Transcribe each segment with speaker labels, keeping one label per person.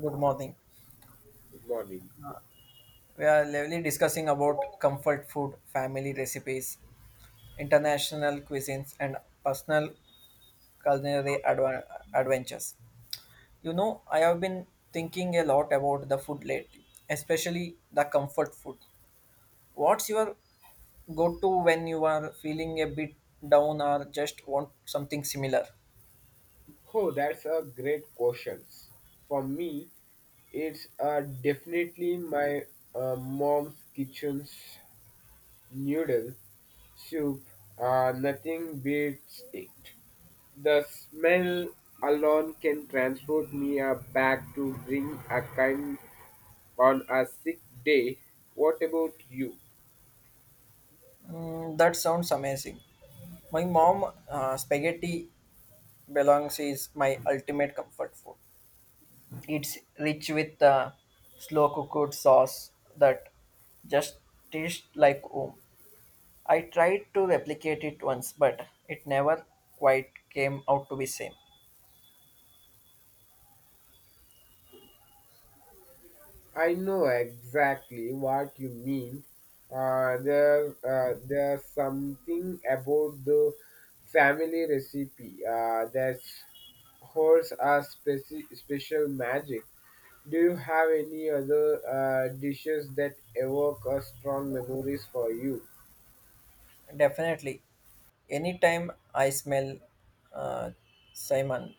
Speaker 1: Good morning.
Speaker 2: Good morning.
Speaker 1: We are lively discussing about comfort food, family recipes, international cuisines, and personal culinary adva- adventures. I have been thinking a lot about the food lately, especially the comfort food. What's your go-to when you are feeling a bit down or just want something similar?
Speaker 2: Oh, that's a great question. For me, it's definitely my mom's kitchen's noodle soup. Nothing beats it. The smell alone can transport me back to bring a kind on a sick day. What about you?
Speaker 1: Mm, that sounds amazing. My mom, spaghetti belongs is my ultimate comfort food. It's rich with a slow cooked sauce that just tastes like home. I tried to replicate it once, but it never quite came out to be same.
Speaker 2: I know exactly what you mean. There's something about the family recipe that holds a special magic. Do you have any other dishes that evoke a strong memories for you?
Speaker 1: Definitely, anytime I smell uh, Simon,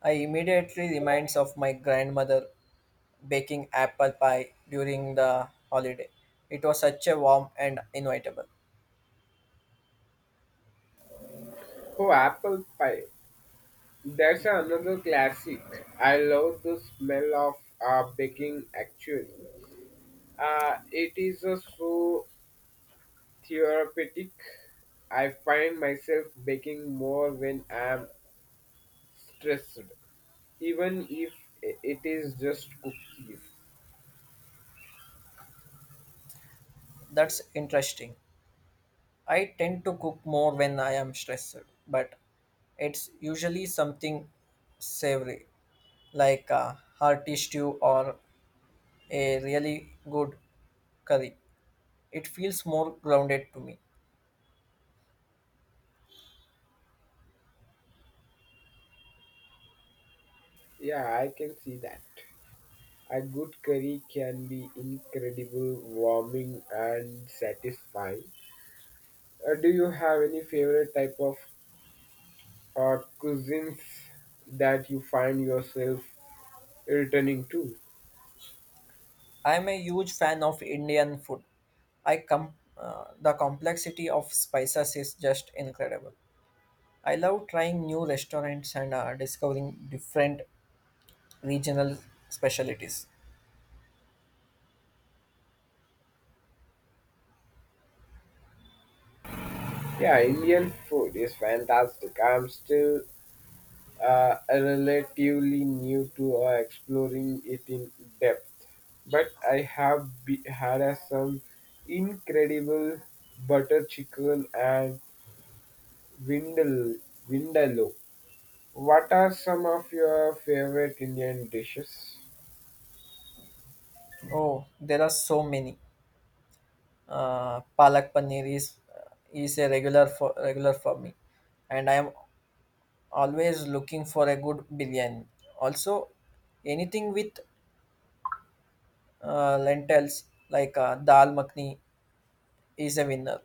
Speaker 1: I immediately reminds of my grandmother baking apple pie during the holiday. It was such a warm and inevitable.
Speaker 2: Oh, apple pie. That's another classic. I love the smell of baking actually. It is so therapeutic. I find myself baking more when I'm stressed, even if it is just cookies.
Speaker 1: That's interesting. I tend to cook more when I am stressed, but it's usually something savory, like a hearty stew or a really good curry. It feels more grounded to me.
Speaker 2: Yeah, I can see that. A good curry can be incredible, warming, and satisfying. Do you have any favorite type of cuisines that you find yourself returning to?
Speaker 1: I'm a huge fan of Indian food. The complexity of spices is just incredible. I love trying new restaurants and discovering different regional specialties.
Speaker 2: Yeah, Indian food is fantastic. I'm still relatively new to exploring it in depth, but I have had some incredible butter chicken and vindal- vindaloo. What are some of your favorite Indian dishes?
Speaker 1: Oh, there are so many. Palak paneer is a regular for me, and I am always looking for a good biryani. Also, anything with lentils like dal makhni is a winner.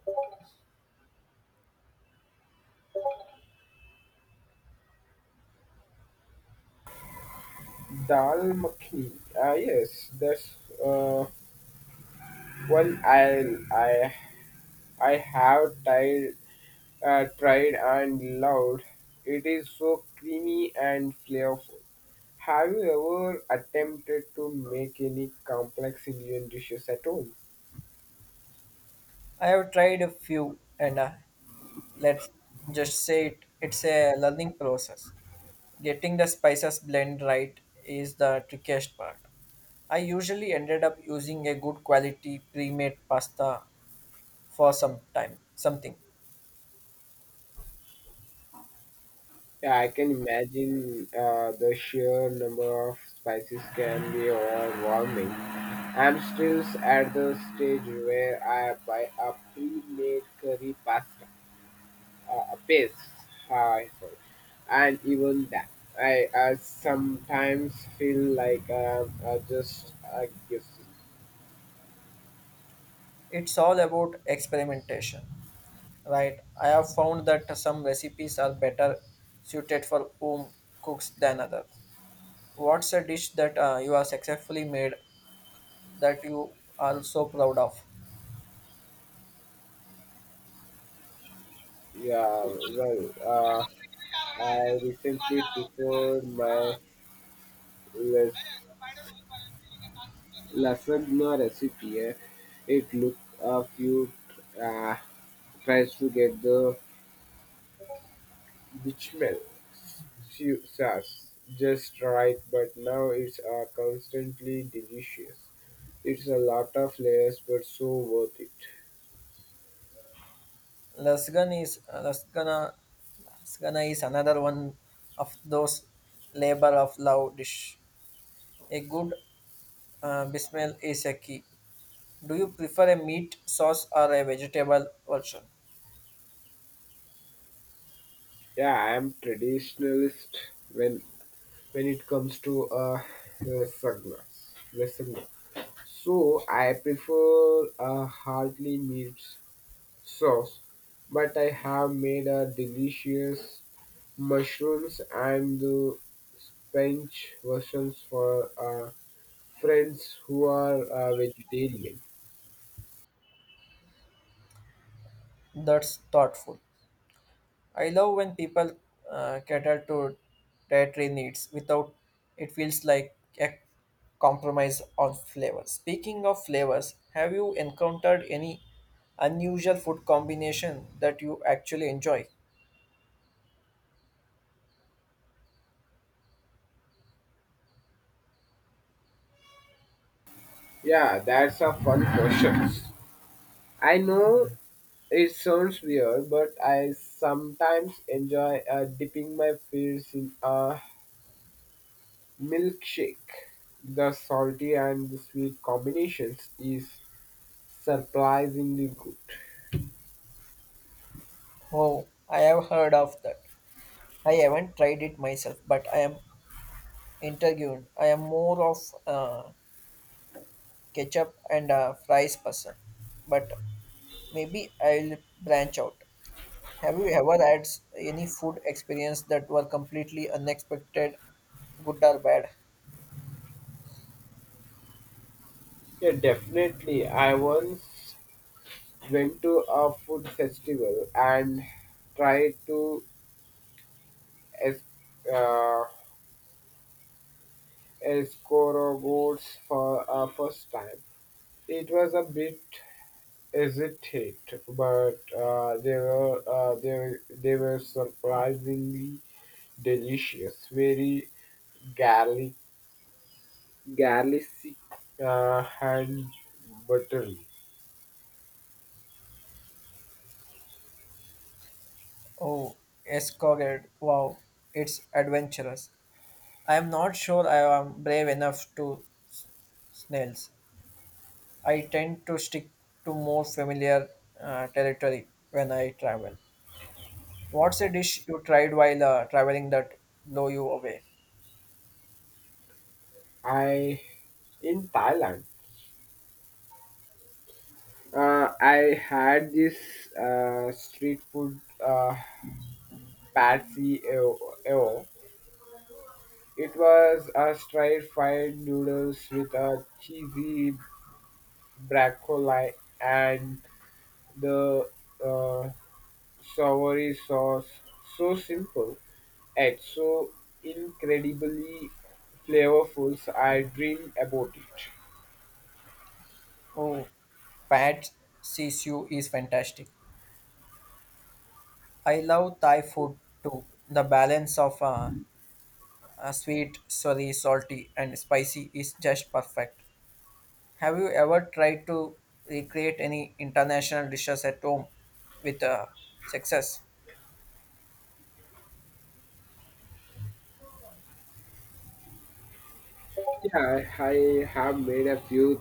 Speaker 2: Dal makhni. Ah, yes, that's uh, one I I have tried tried and loved. It is so creamy and flavorful. Have you ever attempted to make any complex Indian dishes at home?
Speaker 1: I have tried a few, and let's just say it's a learning process. Getting the spices blend right is the trickiest part. I usually ended up using a good quality pre-made pasta for some time, something.
Speaker 2: Yeah, I can imagine the sheer number of spices can be overwhelming. I'm still at the stage where I buy a pre-made curry pasta, a paste, hi, sorry, and even that. I sometimes feel like I'm just guessing.
Speaker 1: It's all about experimentation, right? I have found that some recipes are better suited for home cooks than others. What's a dish that you have successfully made that you are so proud of?
Speaker 2: Yeah, well, I recently prepared my las- lasagna recipe. Eh. It look a few uh, tries to get the bechamel sauce just right, but now it's constantly delicious. It's a lot of layers, but so worth it.
Speaker 1: Lasagna is lasagna, lasagna is another one of those labor of love dish. A good bismel is a key. Do you prefer a meat sauce or a vegetable version?
Speaker 2: Yeah, I am traditionalist when when it comes to lasagna. Lasagna. So I prefer a hearty meat sauce, but I have made a delicious mushrooms and the spinach versions for friends who are vegetarian.
Speaker 1: That's thoughtful. I love when people cater to dietary needs without it feels like a compromise on flavor. Speaking of flavors, have you encountered any unusual food combination that you actually enjoy?
Speaker 2: Yeah, that's a fun question. I know it sounds weird, but I sometimes enjoy dipping my fingers in a Milkshake, the salty and the sweet combinations is surprisingly good.
Speaker 1: Oh, I have heard of that. I haven't tried it myself, but I am intrigued. I am more of a ketchup and a fries person, but maybe I'll branch out. Have you ever had any food experience that were completely unexpected, good or bad?
Speaker 2: Yeah, definitely. I once went to a food festival and tried to es- uh, escargots for a first time. It was a bit hesitate, but they were surprisingly delicious. Very garlic Garlic and buttery.
Speaker 1: Oh, escargot. Wow, it's adventurous. I am not sure I am brave enough to s- snails. I tend to stick to more familiar territory when I travel. What's a dish you tried while traveling that blow you away?
Speaker 2: I in Thailand. I had this street food pad see ew. It was a stir fried noodles with a cheesy broccoli and the uh, savory sauce. So simple and so incredibly flavorful, so I dream about it.
Speaker 1: Oh, Pad CCU is fantastic. I love Thai food too. The balance of sweet, sorry, salty, and spicy is just perfect. Have you ever tried to recreate any international dishes at home with success?
Speaker 2: Yeah, I have made a few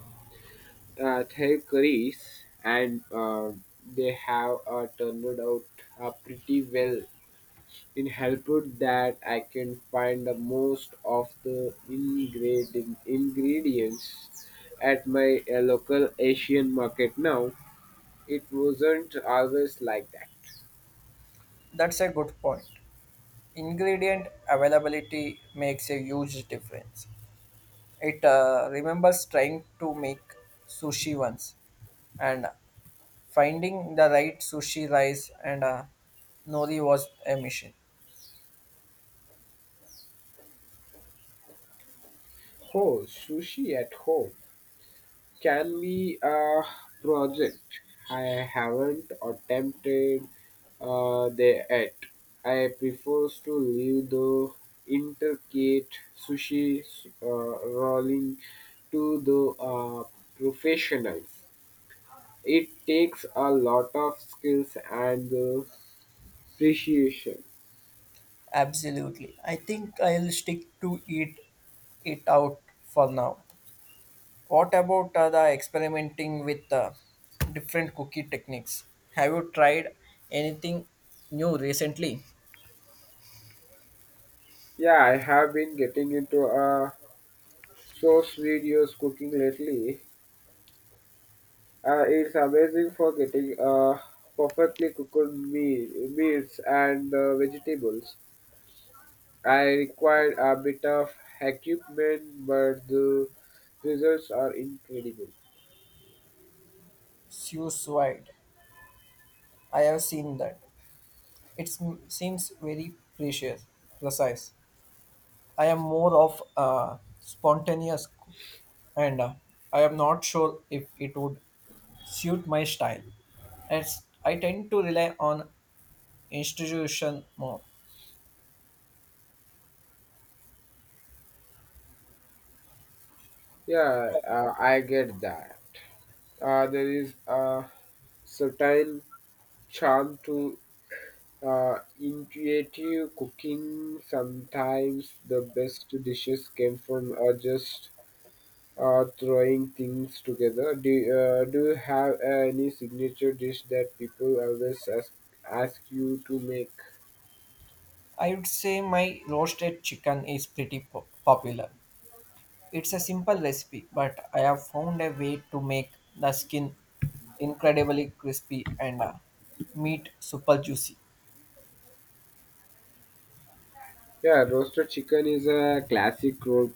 Speaker 2: Thai curries and they have turned out pretty well in helped that I can find the most of the ingredients at my local Asian market now. It wasn't always like that.
Speaker 1: That's a good point. Ingredient availability makes a huge difference. It remembers trying to make sushi once and finding the right sushi rice and nori was a mission.
Speaker 2: Oh, sushi at home can be a project. I haven't attempted there yet. I prefer to leave the intricate sushi rolling to the professionals. It takes a lot of skills and appreciation.
Speaker 1: Absolutely. I think I'll stick to eat it out for now. What about the experimenting with different cookie techniques? Have you tried anything new recently?
Speaker 2: Yeah, I have been getting into source videos cooking lately. It's amazing for getting perfectly cooked meats and vegetables. I required a bit of equipment, but the results are incredible.
Speaker 1: Suicide. I have seen that. It seems precise. I am more of a spontaneous cook, and I am not sure if it would suit my style. As I tend to rely on institution more.
Speaker 2: Yeah, I get that. There is a certain charm to intuitive cooking. Sometimes the best dishes came from just throwing things together. Do you have any signature dish that people always ask you to make?
Speaker 1: I would say my roasted chicken is popular. It's a simple recipe, but I have found a way to make the skin incredibly crispy and meat super juicy.
Speaker 2: Yeah, roasted chicken is a classic road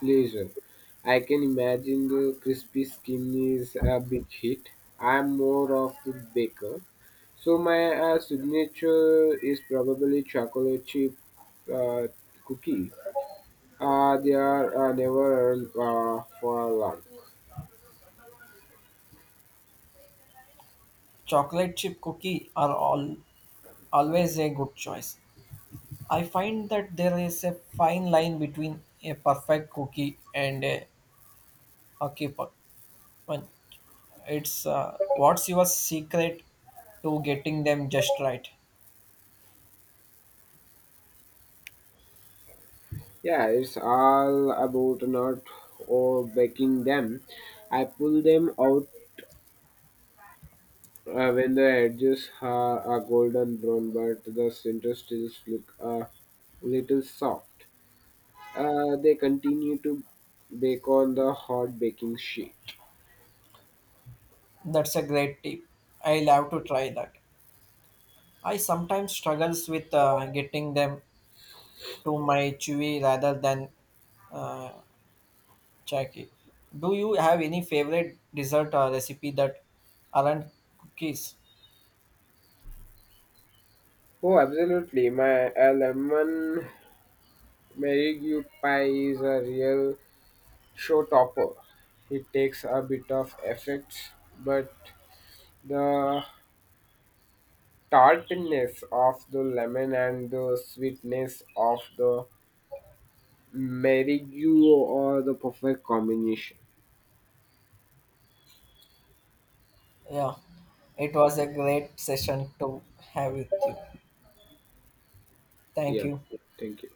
Speaker 2: pleasure. I can imagine the crispy skin is a big hit. I'm more of the baker. So my signature is probably chocolate chip uh, cookie. They are never for long.
Speaker 1: Chocolate chip cookie are all always a good choice. I find that there is a fine line between a perfect cookie and a hockey puck. One, it's what's your secret to getting them just right?
Speaker 2: Yeah, it's all about not or baking them. I pull them out when the edges are golden brown, but the center still look a little soft. They continue to bake on the hot baking sheet.
Speaker 1: That's a great tip. I'll have to try that. I sometimes struggles with getting them to my chewy rather than uh, chalky. Do you have any favorite dessert or recipe that aren't cookies?
Speaker 2: Oh, absolutely! My lemon marigue pie is a real showtopper. It takes a bit of effects, but the tartness of the lemon and the sweetness of the marigue are the perfect combination.
Speaker 1: Yeah, it was a great session to have with you. Thank
Speaker 2: Yeah,
Speaker 1: you.
Speaker 2: thank you.